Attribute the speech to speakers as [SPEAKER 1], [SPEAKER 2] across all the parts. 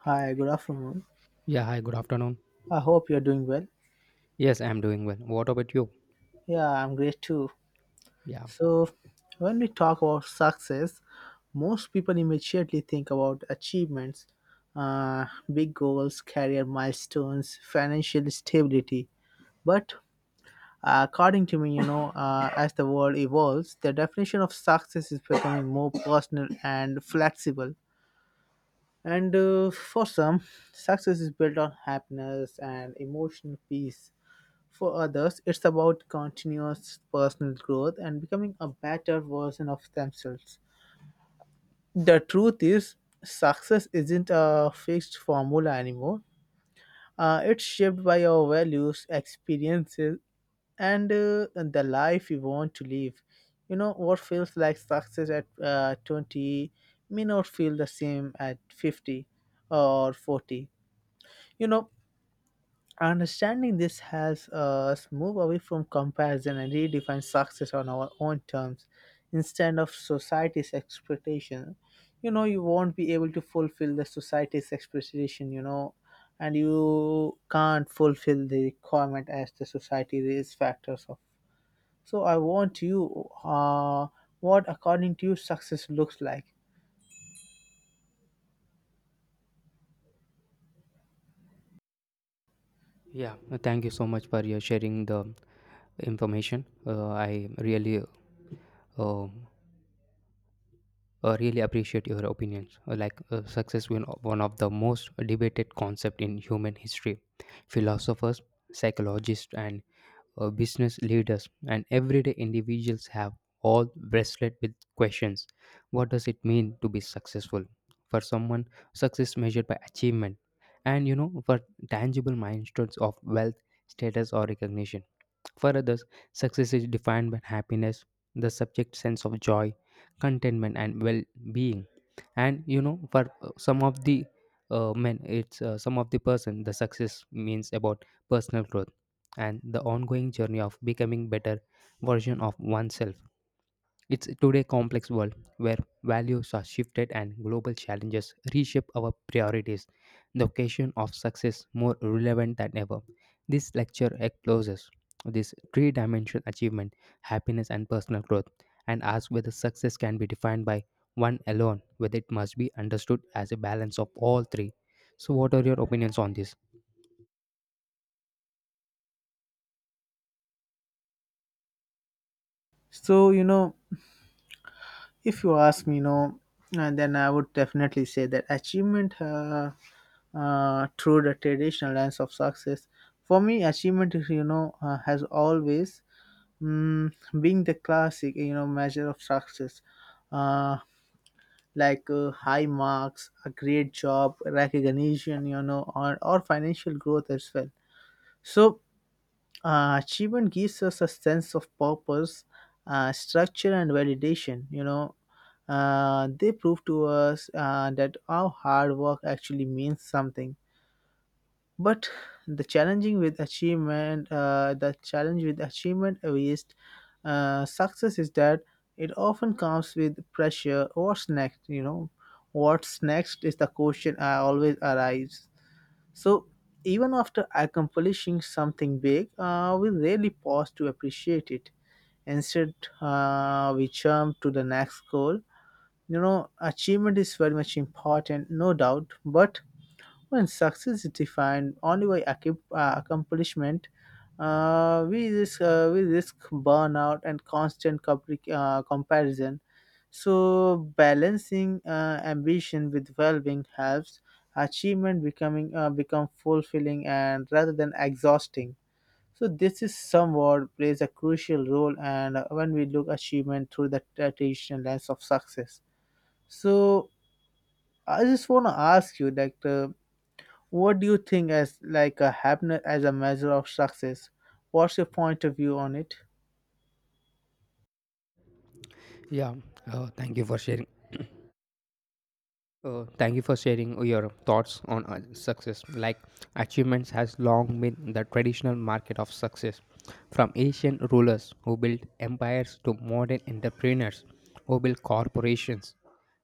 [SPEAKER 1] Hi, good afternoon.
[SPEAKER 2] Yeah, hi, good afternoon.
[SPEAKER 1] I hope you're doing well.
[SPEAKER 2] Yes, I'm doing well. What about you?
[SPEAKER 1] Yeah, I'm great too.
[SPEAKER 2] Yeah,
[SPEAKER 1] So, when we talk about success, most people immediately think about achievements, uh, big goals, career milestones, financial stability. But according to me, as the world evolves, the definition of success is becoming more personal and flexible. And for some, success is built on happiness and emotional peace. For others, it's about continuous personal growth and becoming a better version of themselves. The truth is, success isn't a fixed formula anymore. It's shaped by our values, experiences, and the life we want to live. You know, what feels like success at 20 may not feel the same at 50 or 40. You know, understanding this has us move away from comparison and redefine success on our own terms instead of society's expectation. You know, you won't be able to fulfill the society's expectation, and you can't fulfill the requirement as the society is factors of. So I want you, what according to you success looks like.
[SPEAKER 2] yeah. Thank you so much for your sharing the information. I really, um, really appreciate your opinions. Success is one of the most debated concept in human history. Philosophers, psychologists, and business leaders, and everyday individuals have all wrestled with questions. What does it mean to be successful? For someone, success measured by achievement, and you know, for tangible milestones of wealth, status, or recognition for others, success is defined by happiness, the subject sense of joy, contentment, and well being. And you know, for some of the men, it's some of the person, the success means about personal growth and the ongoing journey of becoming better version of oneself it's today complex world where values are shifted and global challenges reshape our priorities. The occasion of success more relevant than ever. This lecture explores this three-dimensional achievement, happiness and personal growth, and asks whether success can be defined by one alone, whether it must be understood as a balance of all three. So what are your opinions on this?
[SPEAKER 1] So, you know, if you ask me, no, and then I would definitely say that achievement through the traditional lens of success. For me, achievement is has always mm, been the classic measure of success, uh, like high marks, a great job, recognition, or financial growth as well. So achievement gives us a sense of purpose, structure and validation. They prove to us that our hard work actually means something, but the challenge with achievement based success is that it often comes with pressure. What's next, what's next, is the question I always arise. So, even after accomplishing something big, we rarely pause to appreciate it. Instead, we jump to the next goal. You know, achievement is very much important, no doubt, but when success is defined only by accomplishment, we risk burnout and constant comparison. So balancing ambition with well-being helps achievement becoming become fulfilling and rather than exhausting. So this is somewhat plays a crucial role, and when we look achievement through the traditional lens of success. So I just want to ask you that. What do you think as like a happiness as a measure of success? What's your point of view on it?
[SPEAKER 2] Yeah, Thank you for sharing. Thank you for sharing your thoughts on success. Like Achievements has long been the traditional market of success, from ancient rulers who built empires to modern entrepreneurs who build corporations.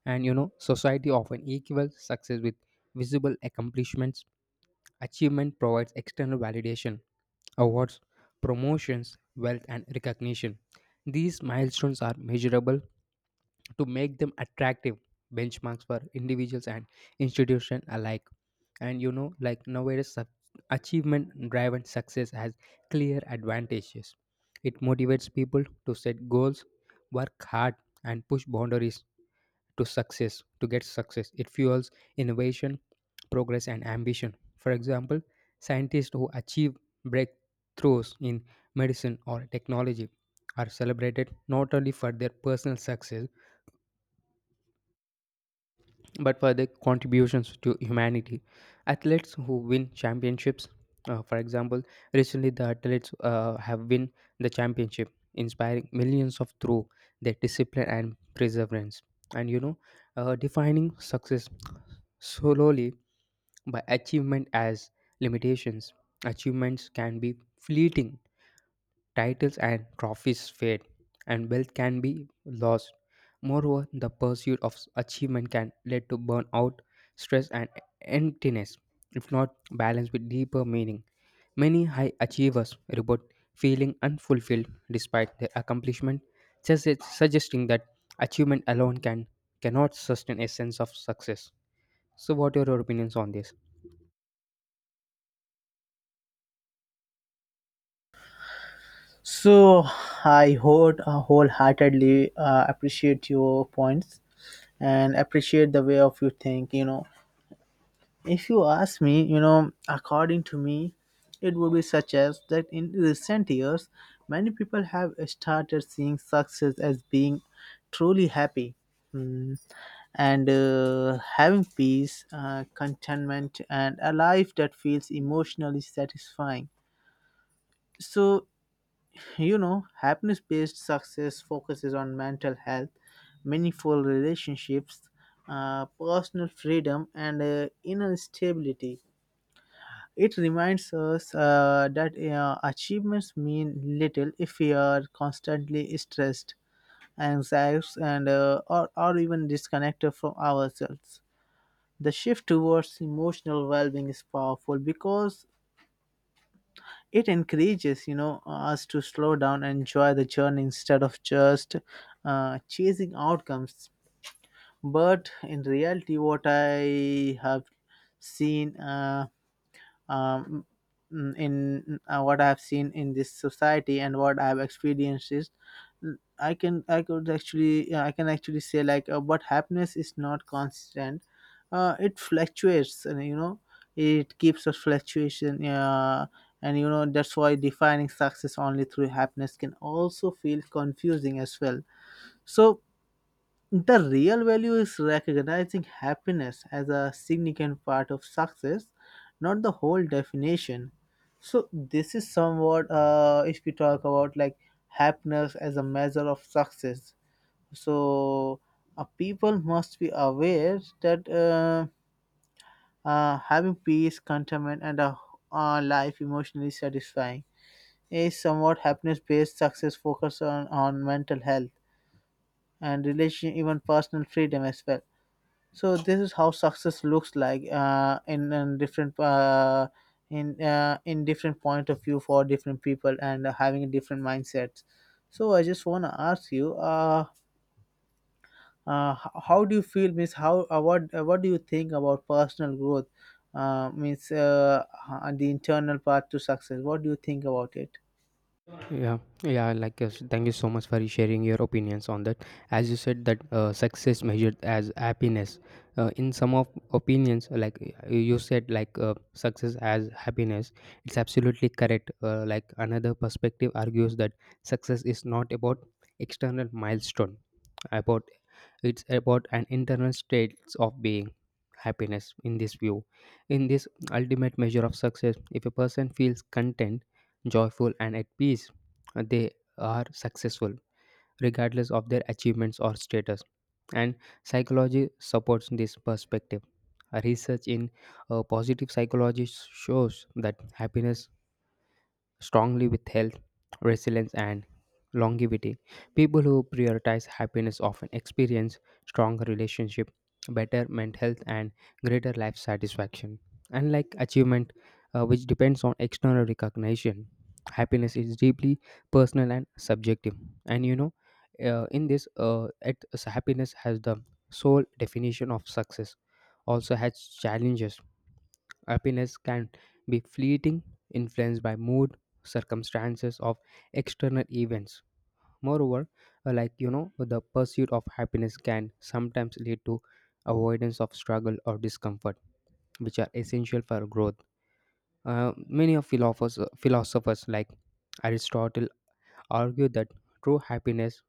[SPEAKER 2] And you know, society often equals success with visible accomplishments. Achievement provides external validation, awards, promotions, wealth, and recognition. These milestones are measurable to make them attractive benchmarks for individuals and institutions alike. And you know, like nowadays, achievement driven success has clear advantages. It motivates people to set goals, work hard, and push boundaries to success, to get success. It fuels innovation, progress, and ambition. For example, scientists who achieve breakthroughs in medicine or technology are celebrated not only for their personal success but for their contributions to humanity. Athletes who win championships, for example, recently the athletes have won the championship, inspiring millions of through their discipline and perseverance. And you know, defining success solely by achievement as limitations. Achievements can be fleeting. Titles and trophies fade, and wealth can be lost. Moreover, the pursuit of achievement can lead to burnout, stress, and emptiness, if not balanced with deeper meaning. Many high achievers report feeling unfulfilled despite their accomplishment, suggesting that achievement alone can cannot sustain a sense of success. So, what are your opinions on this?
[SPEAKER 1] So I wholeheartedly appreciate your points and appreciate the way of you think. You know, if you ask me, according to me, it would be such as that in recent years, many people have started seeing success as being truly happy. Hmm. And having peace, contentment, and a life that feels emotionally satisfying. So, you know, happiness based success focuses on mental health, meaningful relationships, personal freedom, and inner stability. It reminds us that achievements mean little if we are constantly stressed, anxious, and or even disconnected from ourselves. The shift towards emotional well-being is powerful because it encourages us to slow down and enjoy the journey instead of just chasing outcomes. But in reality, what I have seen um, mm, in what I have seen in this society and what I have experienced is, I could actually, yeah, I can actually say like, but happiness is not constant, it fluctuates and you know it keeps a fluctuation, and you know that's why defining success only through happiness can also feel confusing as well. So the real value is recognizing happiness as a significant part of success, not the whole definition. So this is somewhat, if we talk about like happiness as a measure of success. So, people must be aware that having peace, contentment, and a life emotionally satisfying is somewhat happiness-based success focus on mental health and relation, even personal freedom as well. So this is how success looks like, in different in different point of view for different people and having a different mindset. So I just want to ask you, how do you feel? Means how what do you think about personal growth? Uh, means uh, the internal path to success. What do you think about it?
[SPEAKER 2] yeah Thank you so much for sharing your opinions on that as you said that success measured as happiness in some of opinions you said success as happiness it's absolutely correct like another perspective argues that success is not about external milestone about it's about an internal state of being happiness in this view in this ultimate measure of success if a person feels content, joyful and at peace they are successful regardless of their achievements or status. And psychology supports this perspective. A research in positive psychology shows that happiness strongly with health, resilience, and longevity. People who prioritize happiness often experience stronger relationship, better mental health, and greater life satisfaction. Unlike achievement, which depends on external recognition, happiness is deeply personal and subjective. And you know, happiness has the sole definition of success. Also has challenges. Happiness can be fleeting, influenced by mood, circumstances of external events. Moreover, the pursuit of happiness can sometimes lead to avoidance of struggle or discomfort, which are essential for growth. Many philosophers like Aristotle argue that true happiness,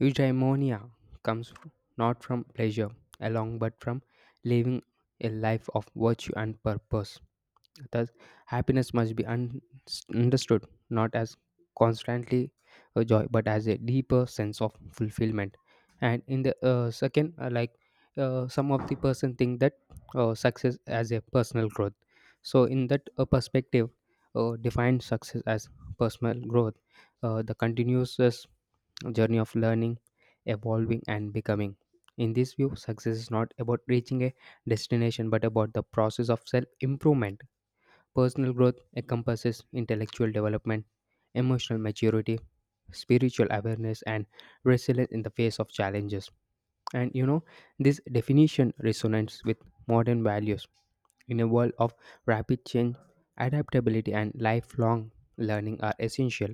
[SPEAKER 2] eudaimonia, comes f- not from pleasure alone but from living a life of virtue and purpose. Thus, happiness must be understood not as constantly a joy, but as a deeper sense of fulfillment. And in the second, some of the person think that success as a personal growth. So in that perspective, define success as personal growth, the continuous journey of learning, evolving, and becoming. In this view, success is not about reaching a destination, but about the process of self improvement. Personal growth encompasses intellectual development, emotional maturity, spiritual awareness, and resilience in the face of challenges. And you know, this definition resonates with modern values. In a world of rapid change, adaptability and lifelong learning are essential.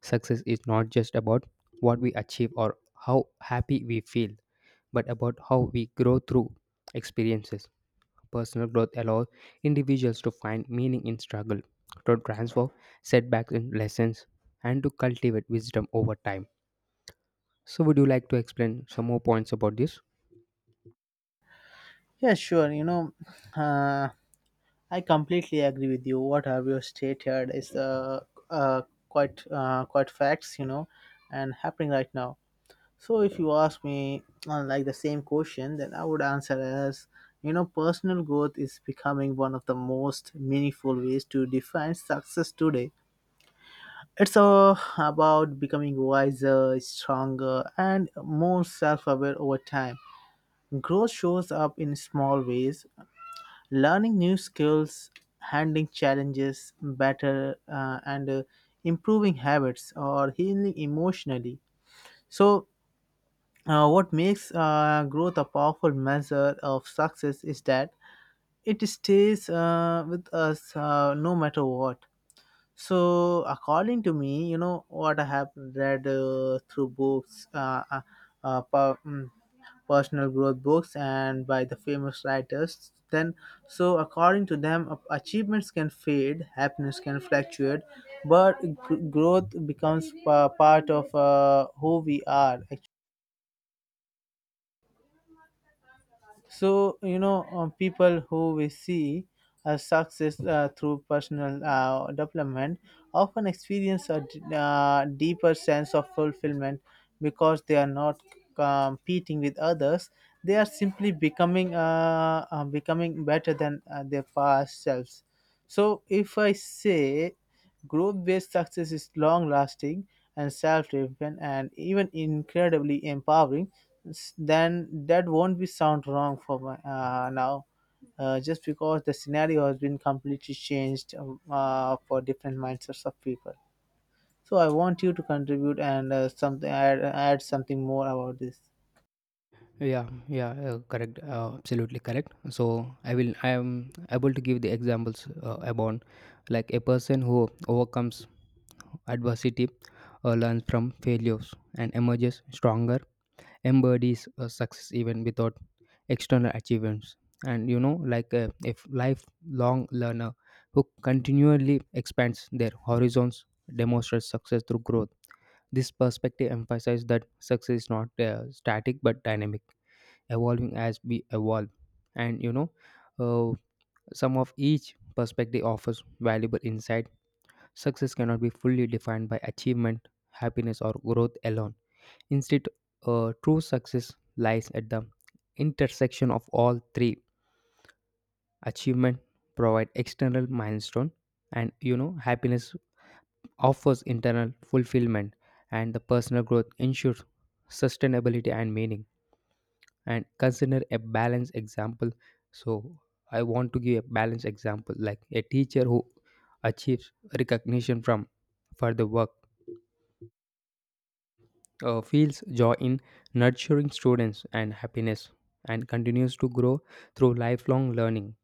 [SPEAKER 2] Success is not just about what we achieve or how happy we feel, but about how we grow through experiences. Personal growth allows individuals to find meaning in struggle, to transform setbacks into lessons, and to cultivate wisdom over time. So, would you like to explain some more points about this?
[SPEAKER 1] Yeah, sure. You know, uh, I completely agree with you. What have you stated is uh, quite facts, you know, and happening right now. So if you ask me, like the same question, then I would answer as, you know, personal growth is becoming one of the most meaningful ways to define success today. It's all about becoming wiser, stronger, and more self-aware over time. Growth shows up in small ways, learning new skills, handling challenges better, and improving habits or healing emotionally. So, what makes growth a powerful measure of success is that it stays with us, no matter what. So, according to me, you know what I have read through books, uh, per, mm, personal growth books, and by the famous writers. Then, so according to them, achievements can fade, happiness can fluctuate, but growth becomes part of who we are. So, you know, people who we see as success through personal development often experience a deeper sense of fulfillment because they are not competing with others. They are simply becoming better than their past selves. So if I say group-based success is long-lasting and self-driven and even incredibly empowering. Then that won't be sound wrong for my, now, just because the scenario has been completely changed for different mindsets of people. So I want you to contribute and something add something more about this.
[SPEAKER 2] Yeah, Correct. Absolutely correct. So I will. I am able to give the examples about like a person who overcomes adversity, learns from failures, and emerges stronger embodies a success even without external achievements. And you know like a lifelong learner who continually expands their horizons demonstrates success through growth. This perspective emphasizes that success is not static but dynamic, evolving as we evolve. And you know, uh, some of each perspective offers valuable insight. Success cannot be fully defined by achievement, happiness or growth alone. Instead, true success lies at the intersection of all three. Achievement provide external milestone, and you know happiness offers internal fulfillment, and the personal growth ensures sustainability and meaning. And consider a balanced example. So I want to give a balanced example, like a teacher who achieves recognition from for the work feels joy in nurturing students and happiness and continues to grow through lifelong learning.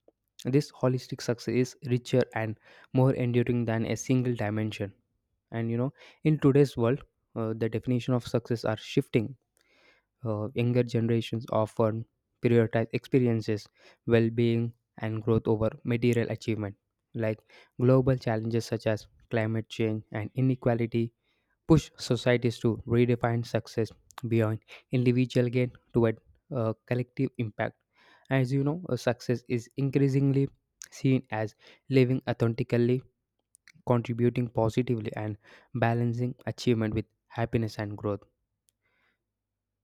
[SPEAKER 2] This holistic success is richer and more enduring than a single dimension. And you know, in today's world, the definition of success are shifting. Younger generations often prioritize experiences, well being, and growth over material achievement. Like global challenges such as climate change and inequality push societies to redefine success beyond individual gain toward collective impact. As you know, success is increasingly seen as living authentically, contributing positively, and balancing achievement with happiness and growth.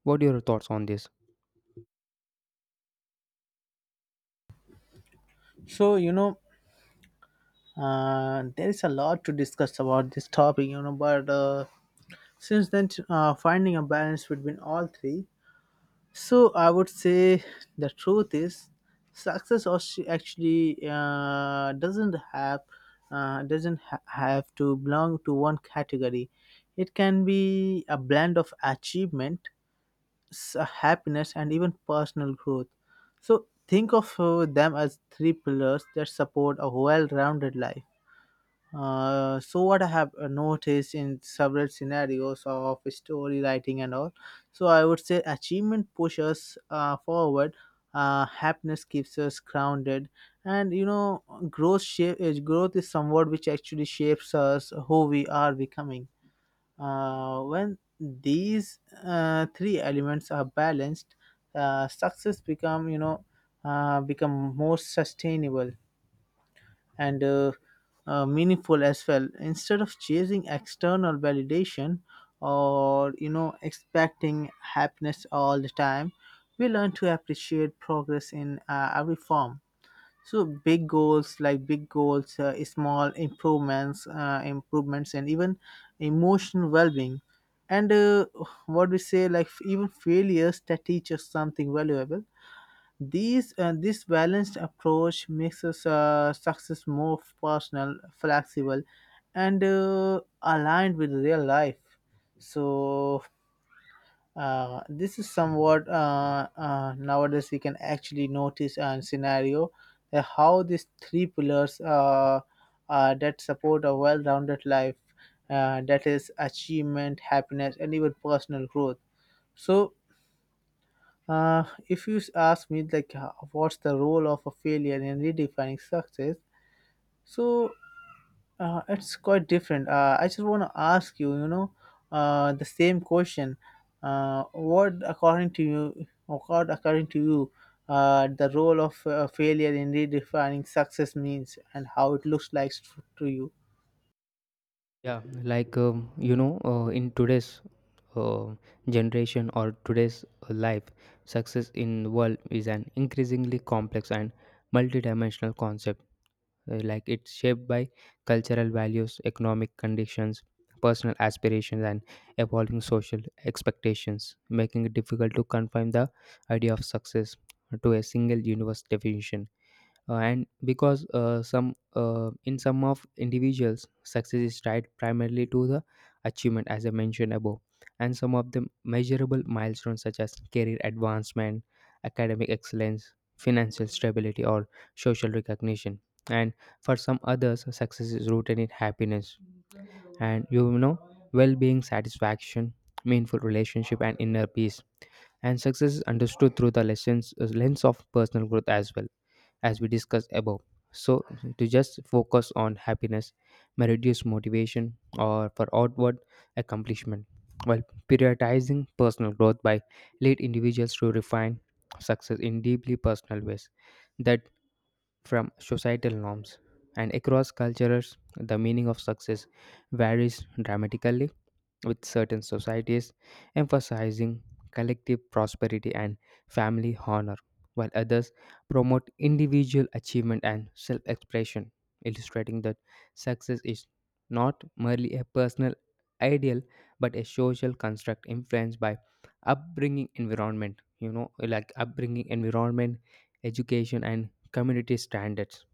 [SPEAKER 2] What are your thoughts on this?
[SPEAKER 1] So, you know, there is a lot to discuss about this topic. You know, but since then, finding a balance between all three. So I would say the truth is, success actually doesn't have doesn't ha- have to belong to one category. It can be a blend of achievement, happiness, and even personal growth. So think of them as three pillars that support a well-rounded life. So what I have noticed in several scenarios of story writing and all, so I would say achievement pushes forward, happiness keeps us grounded, and you know growth is somewhat which actually shapes us who we are becoming. When these three elements are balanced, success become you know become more sustainable and meaningful as well, instead of chasing external validation or you know expecting happiness all the time. We learn to appreciate progress in every form, so big goals, small improvements, improvements and even emotional well-being, and what we say like even failures that teach us something valuable. These This balanced approach makes us, success more personal, flexible, and aligned with real life. So this is somewhat nowadays we can actually notice and scenario, how these three pillars, that support a well-rounded life, that is achievement, happiness, and even personal growth. So if you ask me, like, what's the role of a failure in redefining success? So it's quite different. I just want to ask you, you know, the same question. What, according to you, the role of failure in redefining success means and how it looks like to you?
[SPEAKER 2] In today's uh, generation or today's life, success in the world is an increasingly complex and multidimensional concept. It's shaped by cultural values, economic conditions, personal aspirations and evolving social expectations, making it difficult to confine the idea of success to a single universe definition. And Because some in some of individuals success is tied primarily to the achievement as I mentioned above and some of the measurable milestones such as career advancement, academic excellence, financial stability or social recognition. And for some others success is rooted in happiness and you know well-being, satisfaction, meaningful relationship and inner peace. And success is understood through the lessons lens of personal growth as well, as we discussed above. So to just focus on happiness may reduce motivation or for outward accomplishment, while prioritizing personal growth by lead individuals to refine success in deeply personal ways that from societal norms. And across cultures the meaning of success varies dramatically, with certain societies emphasizing collective prosperity and family honor, while others promote individual achievement and self expression, illustrating that success is not merely a personal ideal but a social construct influenced by upbringing environment you know like upbringing, environment, education and community standards.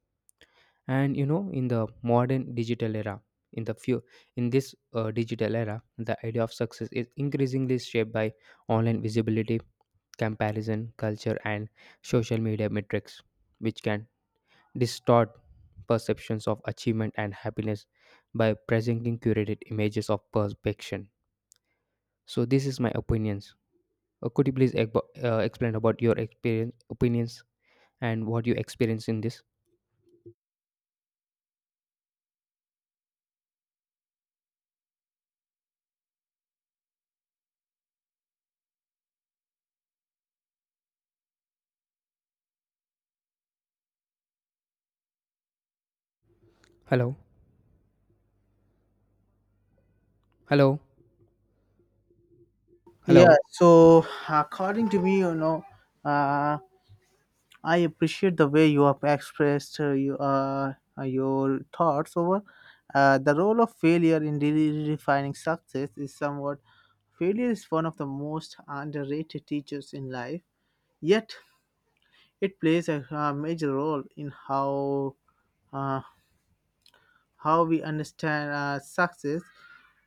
[SPEAKER 2] And you know in the modern digital era, in the few in this digital era the idea of success is increasingly shaped by online visibility, comparison culture and social media metrics, which can distort perceptions of achievement and happiness by presenting curated images of perfection. So this is my opinions. Could you please explain about your experience opinions and what you experience in this? Hello? Hello?
[SPEAKER 1] Yeah.
[SPEAKER 2] Hello?
[SPEAKER 1] So according to me, you know, uh, I appreciate the way you have expressed your thoughts over the role of failure in really defining success is somewhat. Failure is one of the most underrated teachers in life, yet it plays a major role in uh, how we understand success.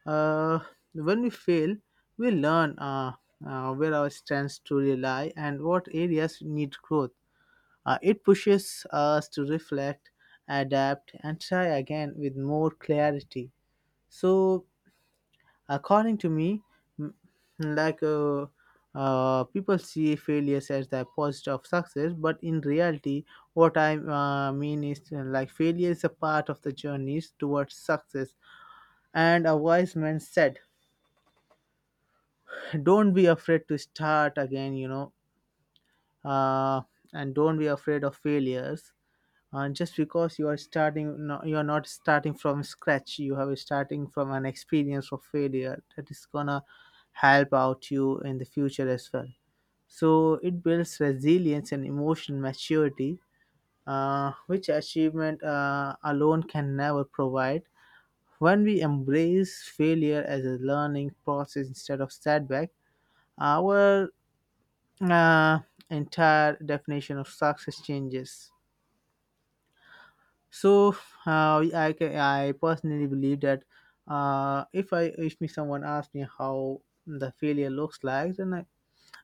[SPEAKER 1] Uh, when we fail, we learn where our strengths to rely and what areas need growth. It pushes us to reflect, adapt, and try again with more clarity. So, according to me, m- like uh, people see failures as the opposite of success, but in reality, what I mean is like failure is a part of the journeys towards success. And a wise man said, "Don't be afraid to start again." Uh, and don't be afraid of failures just because you are starting no, you are not starting from scratch, you have starting from an experience of failure that is gonna help out you in the future as well. So it builds resilience and emotional maturity, which achievement alone can never provide. When we embrace failure as a learning process instead of setback, our uh, entire definition of success changes. So I personally believe that if I if me someone asked me how the failure looks like, then I,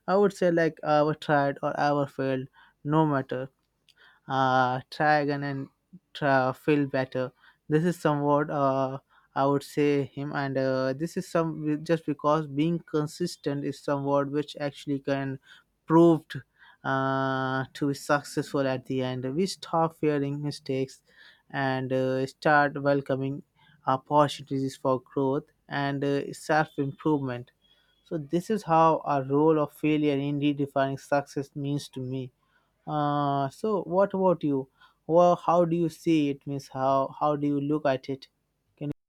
[SPEAKER 1] I would say like I ever tried or I ever failed, no matter try again and try, feel better. This is somewhat I would say him, and this is some just because being consistent is somewhat which actually can proved to be successful at the end. We stop fearing mistakes and start welcoming opportunities for growth and self improvement. So this is how a role of failure in redefining success means to me. So what about you? Well, how do you see it? Means how do you look at it? Can you,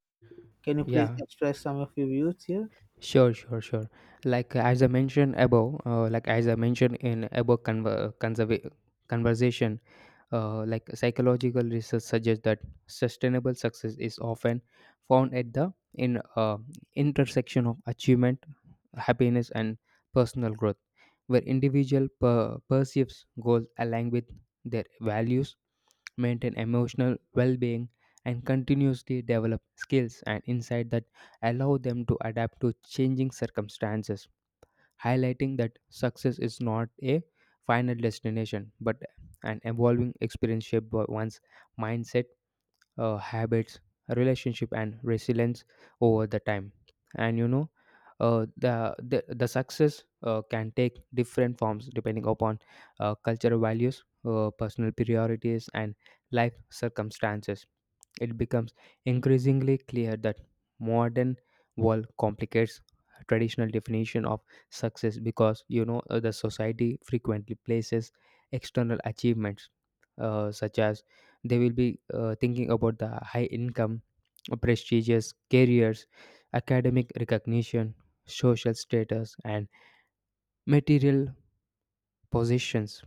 [SPEAKER 1] can you please
[SPEAKER 2] yeah
[SPEAKER 1] express some of your views here?
[SPEAKER 2] Sure, sure, sure. As I mentioned above, like as I mentioned in above conver- conserva- conversation, psychological research suggests that sustainable success is often found at the in intersection of achievement, happiness, and personal growth, where perceives goals align with their values, maintain emotional well-being, and continuously develop skills and insight that allow them to adapt to changing circumstances, highlighting that success is not a final destination but an evolving experience shaped by one's mindset, habits, relationship, and resilience over the time. And you know, the success can take different forms depending upon cultural values, personal priorities, and life circumstances. It becomes increasingly clear that modern world complicates traditional definition of success because you know the society frequently places external achievements such as they will be thinking about the high income, prestigious careers, academic recognition, social status, and material possessions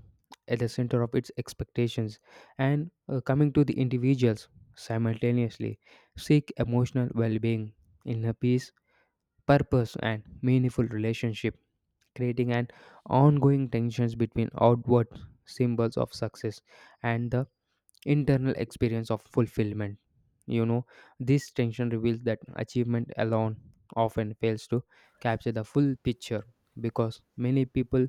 [SPEAKER 2] at the center of its expectations. And coming to the individuals, simultaneously seek emotional well-being, inner peace, purpose, and meaningful relationship, creating an ongoing tensions between outward symbols of success and the internal experience of fulfillment. You know, this tension reveals that achievement alone often fails to capture the full picture because many people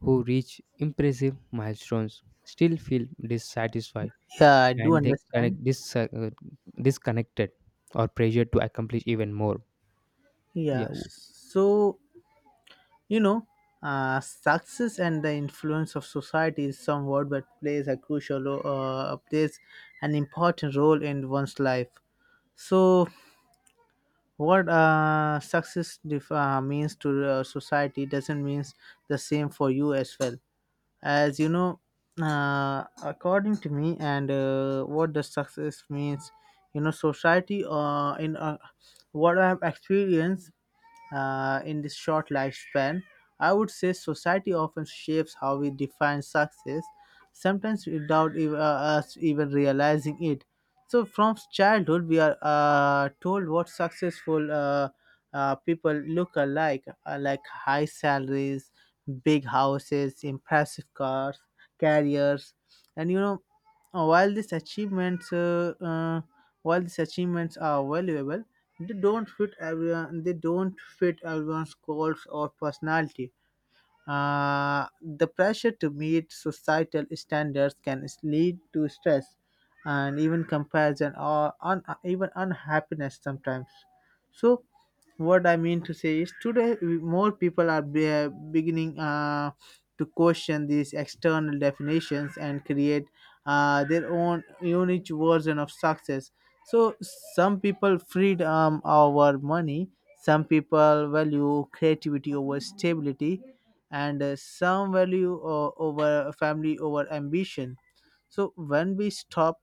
[SPEAKER 2] who reach impressive milestones still feel dissatisfied
[SPEAKER 1] Yeah, I do
[SPEAKER 2] and they
[SPEAKER 1] understand.
[SPEAKER 2] disconnected or pressured to accomplish even more. Yeah,
[SPEAKER 1] Yeah.
[SPEAKER 2] w-
[SPEAKER 1] So, you know, success and the influence of society is some word that plays a crucial plays an important role in one's life. So, what success means to society doesn't mean the same for you as well. As you know, according to me, and what does success means, you know, society in what I have experienced in this short lifespan. I would say society often shapes how we define success, sometimes without us even realizing it. So, from childhood, we are told what successful people look alike, like high salaries, big houses, impressive cars, carriers, and you know, uh, While these achievements, uh, uh, while these achievements are valuable, they don't fit everyone. They don't fit everyone's goals or personality. The pressure to meet societal standards can lead to stress and even comparison or even unhappiness sometimes. So, what I mean to say is today more people are beginning. To question these external definitions and create their own unique version of success. So some people freedom over money, some people value creativity over stability, and some value over family over ambition. So when we stop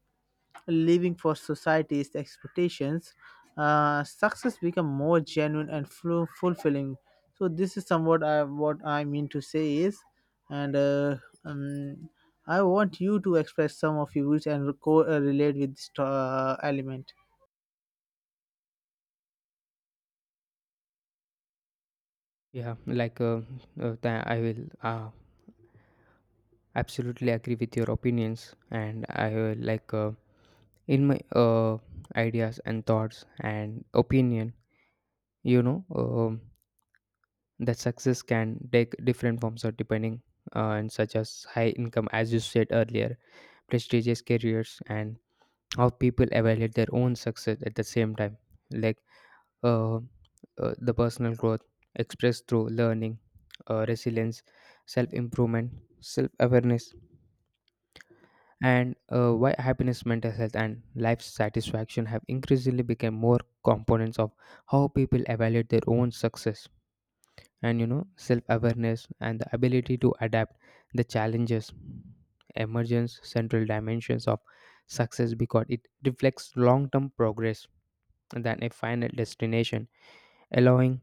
[SPEAKER 1] living for society's expectations, success become more genuine and fulfilling. So this is somewhat what I mean to say is, and um, I want you to express some of your views and relate with this element.
[SPEAKER 2] yeah, like uh, I will absolutely agree with your opinions, and I like in my ideas and thoughts and opinion. You know, that success can take different forms of depending and such as high income, as you said earlier, prestigious careers, and how people evaluate their own success at the same time. Like, uh, the personal growth expressed through learning, resilience, self improvement, self awareness, and why happiness, mental health, and life satisfaction have increasingly become more components of how people evaluate their own success. And you know, self-awareness and the ability to adapt the challenges emergence central dimensions of success because it reflects long-term progress than a final destination, allowing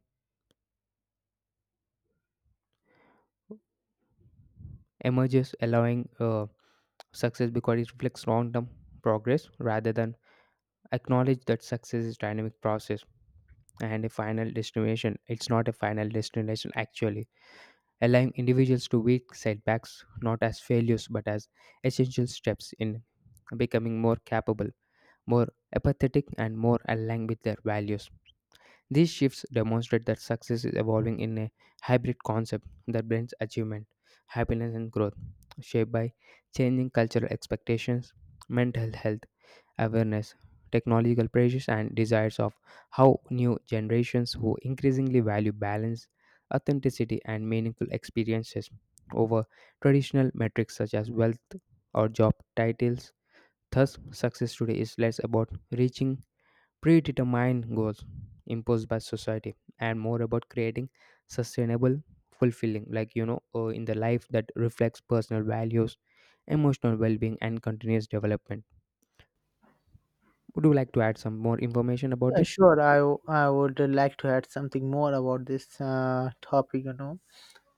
[SPEAKER 2] emerges allowing success because it reflects long-term progress rather than acknowledge that success is dynamic process and a final destination. It's not a final destination actually, allowing individuals to meet setbacks not as failures but as essential steps in becoming more capable, more apathetic, and more aligned with their values. These shifts demonstrate that success is evolving in a hybrid concept that blends achievement, happiness, and growth, shaped by changing cultural expectations, mental health, awareness, technological pressures, and desires of how new generations who increasingly value balance, authenticity, and meaningful experiences over traditional metrics such as wealth or job titles. Thus, success today is less about reaching predetermined goals imposed by society and more about creating sustainable, fulfilling, in the life that reflects personal values, emotional well-being, and continuous development. Would you like to add some more information about
[SPEAKER 1] Yeah,
[SPEAKER 2] this?
[SPEAKER 1] sure. I would like to add something more about this topic, you know.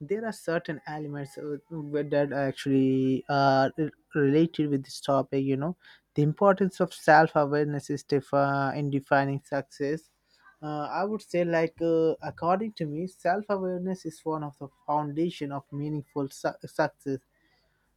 [SPEAKER 1] There are certain elements that are actually related with this topic, you know, the importance of self-awareness is in defining success. I would say, according to me, self-awareness is one of the foundation of meaningful success.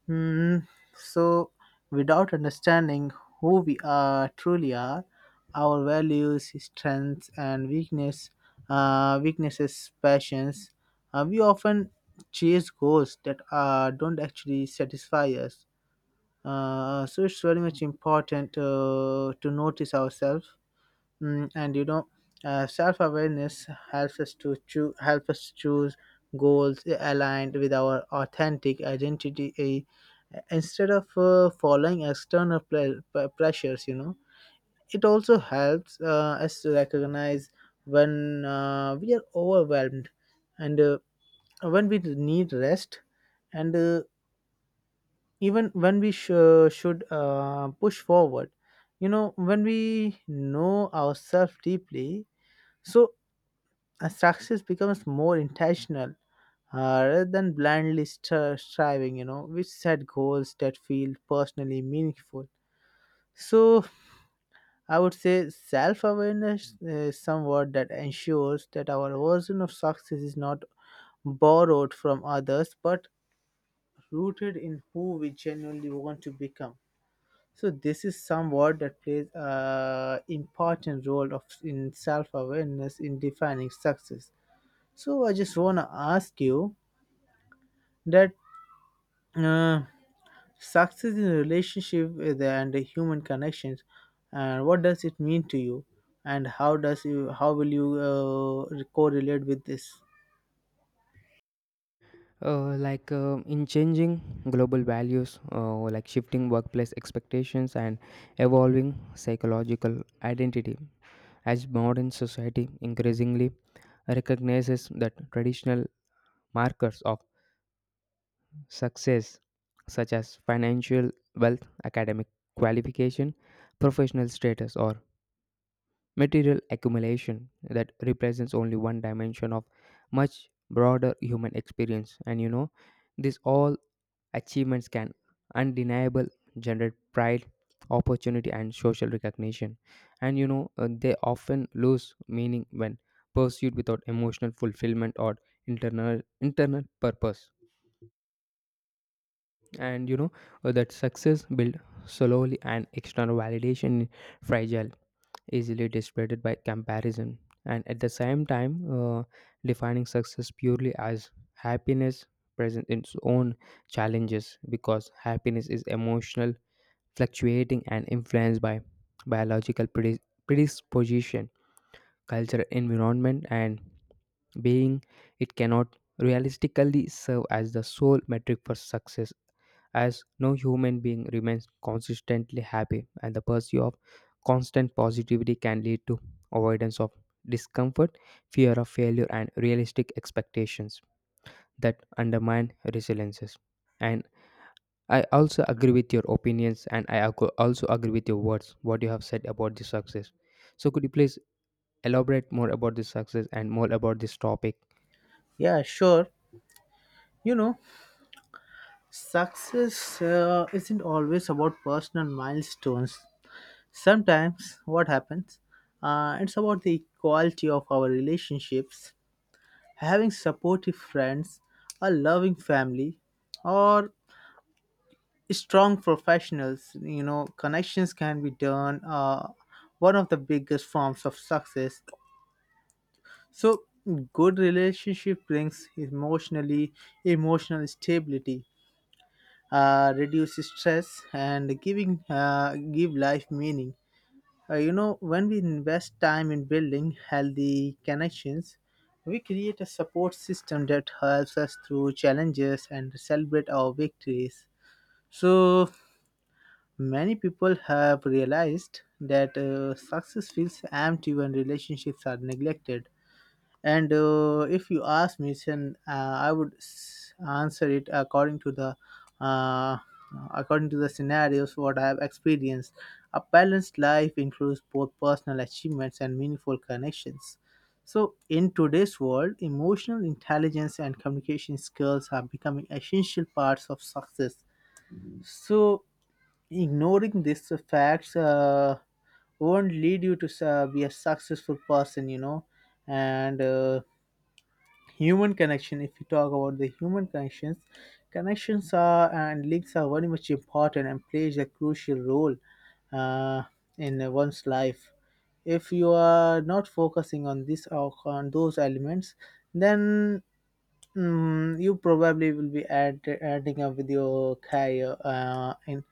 [SPEAKER 1] Hmm. So, without understanding who we are truly are, our values, strengths, and weakness, weaknesses, passions, we often chase goals that don't actually satisfy us. So it's very much important to notice ourselves. Mm, and you know, self-awareness helps us to choose, help us choose goals aligned with our authentic identity instead of following external pressures. You know, it also helps us to recognize when we are overwhelmed and when we need rest, and even when we should push forward. You know, when we know ourselves deeply. So success becomes more intentional, rather than blindly striving. You know, we set goals that feel personally meaningful. So I would say self-awareness is somewhat that ensures that our version of success is not borrowed from others but rooted in who we genuinely want to become. So this is somewhat that plays a important role of in self-awareness in defining success. So I just want to ask you that, uh, success in a relationship and human connections, and what does it mean to you, and how will you correlate with this?
[SPEAKER 2] Like in changing global values, like shifting workplace expectations and evolving psychological identity, as modern society increasingly recognizes that traditional markers of success, such as financial wealth, academic qualification, professional status, or material accumulation that represents only one dimension of much broader human experience. And you know, this all achievements can undeniable generate pride, opportunity, and social recognition. And you know, they often lose meaning when pursued without emotional fulfillment or internal purpose. And you know, that success built solely and external validation, fragile, easily distracted by comparison. And at the same time, defining success purely as happiness present in its own challenges because happiness is emotional, fluctuating, and influenced by biological predis- predisposition, culture, environment, and being. It cannot realistically serve as the sole metric for success, as no human being remains consistently happy, and the pursuit of constant positivity can lead to avoidance of discomfort, fear of failure, and realistic expectations that undermine resiliences. And I also agree with your opinions, and I also agree with your words, what you have said about the success. So, could you please elaborate more about this success and more about this topic?
[SPEAKER 1] Yeah, sure. You know, success isn't always about personal milestones. Sometimes what happens, it's about the quality of our relationships. Having supportive friends, a loving family, or strong professionals, you know, connections can be done, one of the biggest forms of success. So good relationship brings emotionally emotional stability, reduce stress and giving give life meaning. You know, when we invest time in building healthy connections, we create a support system that helps us through challenges and celebrate our victories. So many people have realized that success feels empty when relationships are neglected. And if you ask me, then uh, I would answer it uh, according to the scenarios what I have experienced. A balanced life includes both personal achievements and meaningful connections. So, in today's world, emotional intelligence and communication skills are becoming essential parts of success. So, ignoring these facts won't lead you to be a successful person, you know. And human connection, if you talk about the human connections, connections are and links are very much important and plays a crucial role uh, in one's life. If you are not focusing on this or on those elements, then, mm, you probably will be adding up with your career uh, in,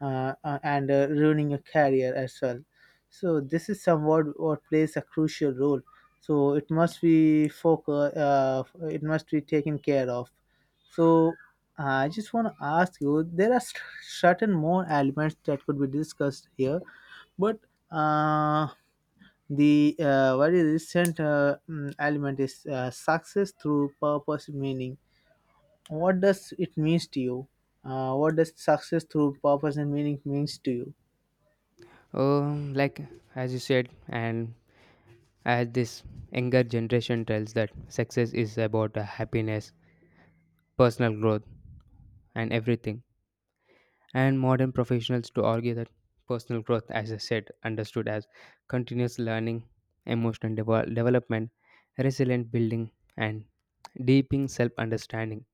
[SPEAKER 1] uh, uh, and uh, ruining your career as well. So this is somewhat what plays a crucial role. So it must be focus. It must be taken care of. So I just want to ask you: there are certain more elements that could be discussed here, but. Uh, the very recent element is success through purpose meaning. What does it means to you? What does success through purpose and meaning means to you?
[SPEAKER 2] Like, as you said, and as this younger generation tells that success is about happiness, personal growth, and everything, and modern professionals to argue that personal growth, as I said, understood as continuous learning, emotional development, resilient building, and deepening self-understanding,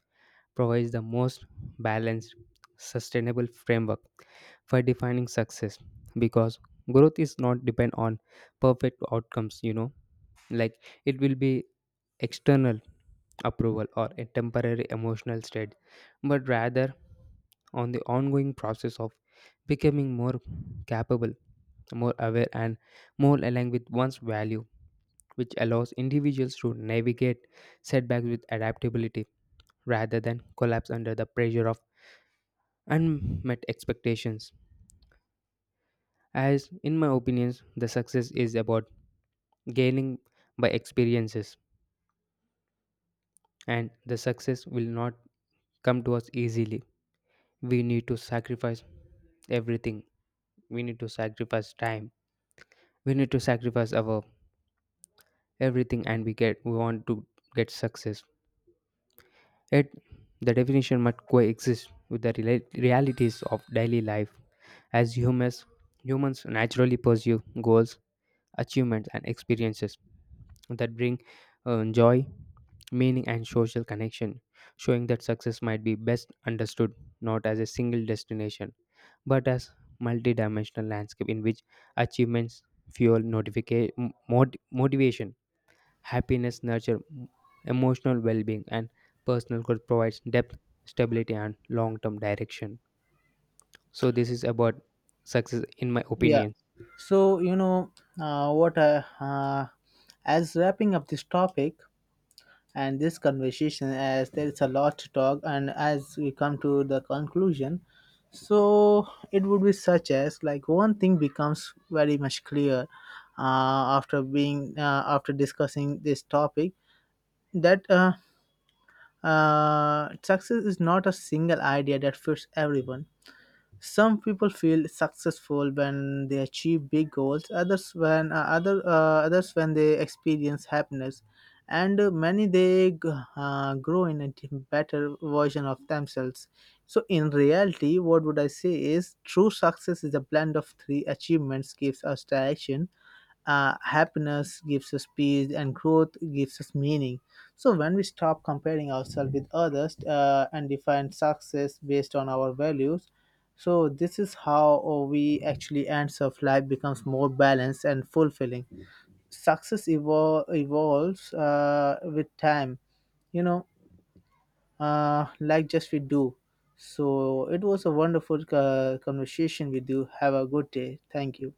[SPEAKER 2] provides the most balanced, sustainable framework for defining success because growth is not depend on perfect outcomes. You know, like, it will be external approval or a temporary emotional state, but rather on the ongoing process of becoming more capable, more aware, and more aligned with one's value, which allows individuals to navigate setbacks with adaptability rather than collapse under the pressure of unmet expectations. As in my opinions, the success is about gaining by experiences, and the success will not come to us easily. We need to sacrifice everything. We need to sacrifice time. We need to sacrifice our everything, and we want to get success. Yet, the definition must coexist with the realities of daily life. As humans, humans naturally pursue goals, achievements, and experiences that bring joy, meaning, and social connection, showing that success might be best understood not as a single destination but as multidimensional landscape in which achievements fuel motivation, happiness, nurture emotional well-being, and personal growth provides depth, stability, and long-term direction. So this is about success, in my
[SPEAKER 1] Yeah.
[SPEAKER 2] opinion.
[SPEAKER 1] So you know, what? As wrapping up this topic, and this conversation, as there is a lot to talk and as we come to the conclusion, so it would be such as like one thing becomes very much clear after discussing this topic that, success is not a single idea that fits everyone. Some people feel successful when they achieve big goals, others when others when they experience happiness, and many they grow in a better version of themselves. So in reality, what would I say is true success is a blend of three achievements gives us direction, happiness gives us peace and growth gives us meaning. So when we stop comparing ourselves with others and define success based on our values, so this is how we actually ends of life becomes more balanced and fulfilling. Success evolves with time, you know, like just we do. So it was a wonderful conversation with you. Have a good day. Thank you.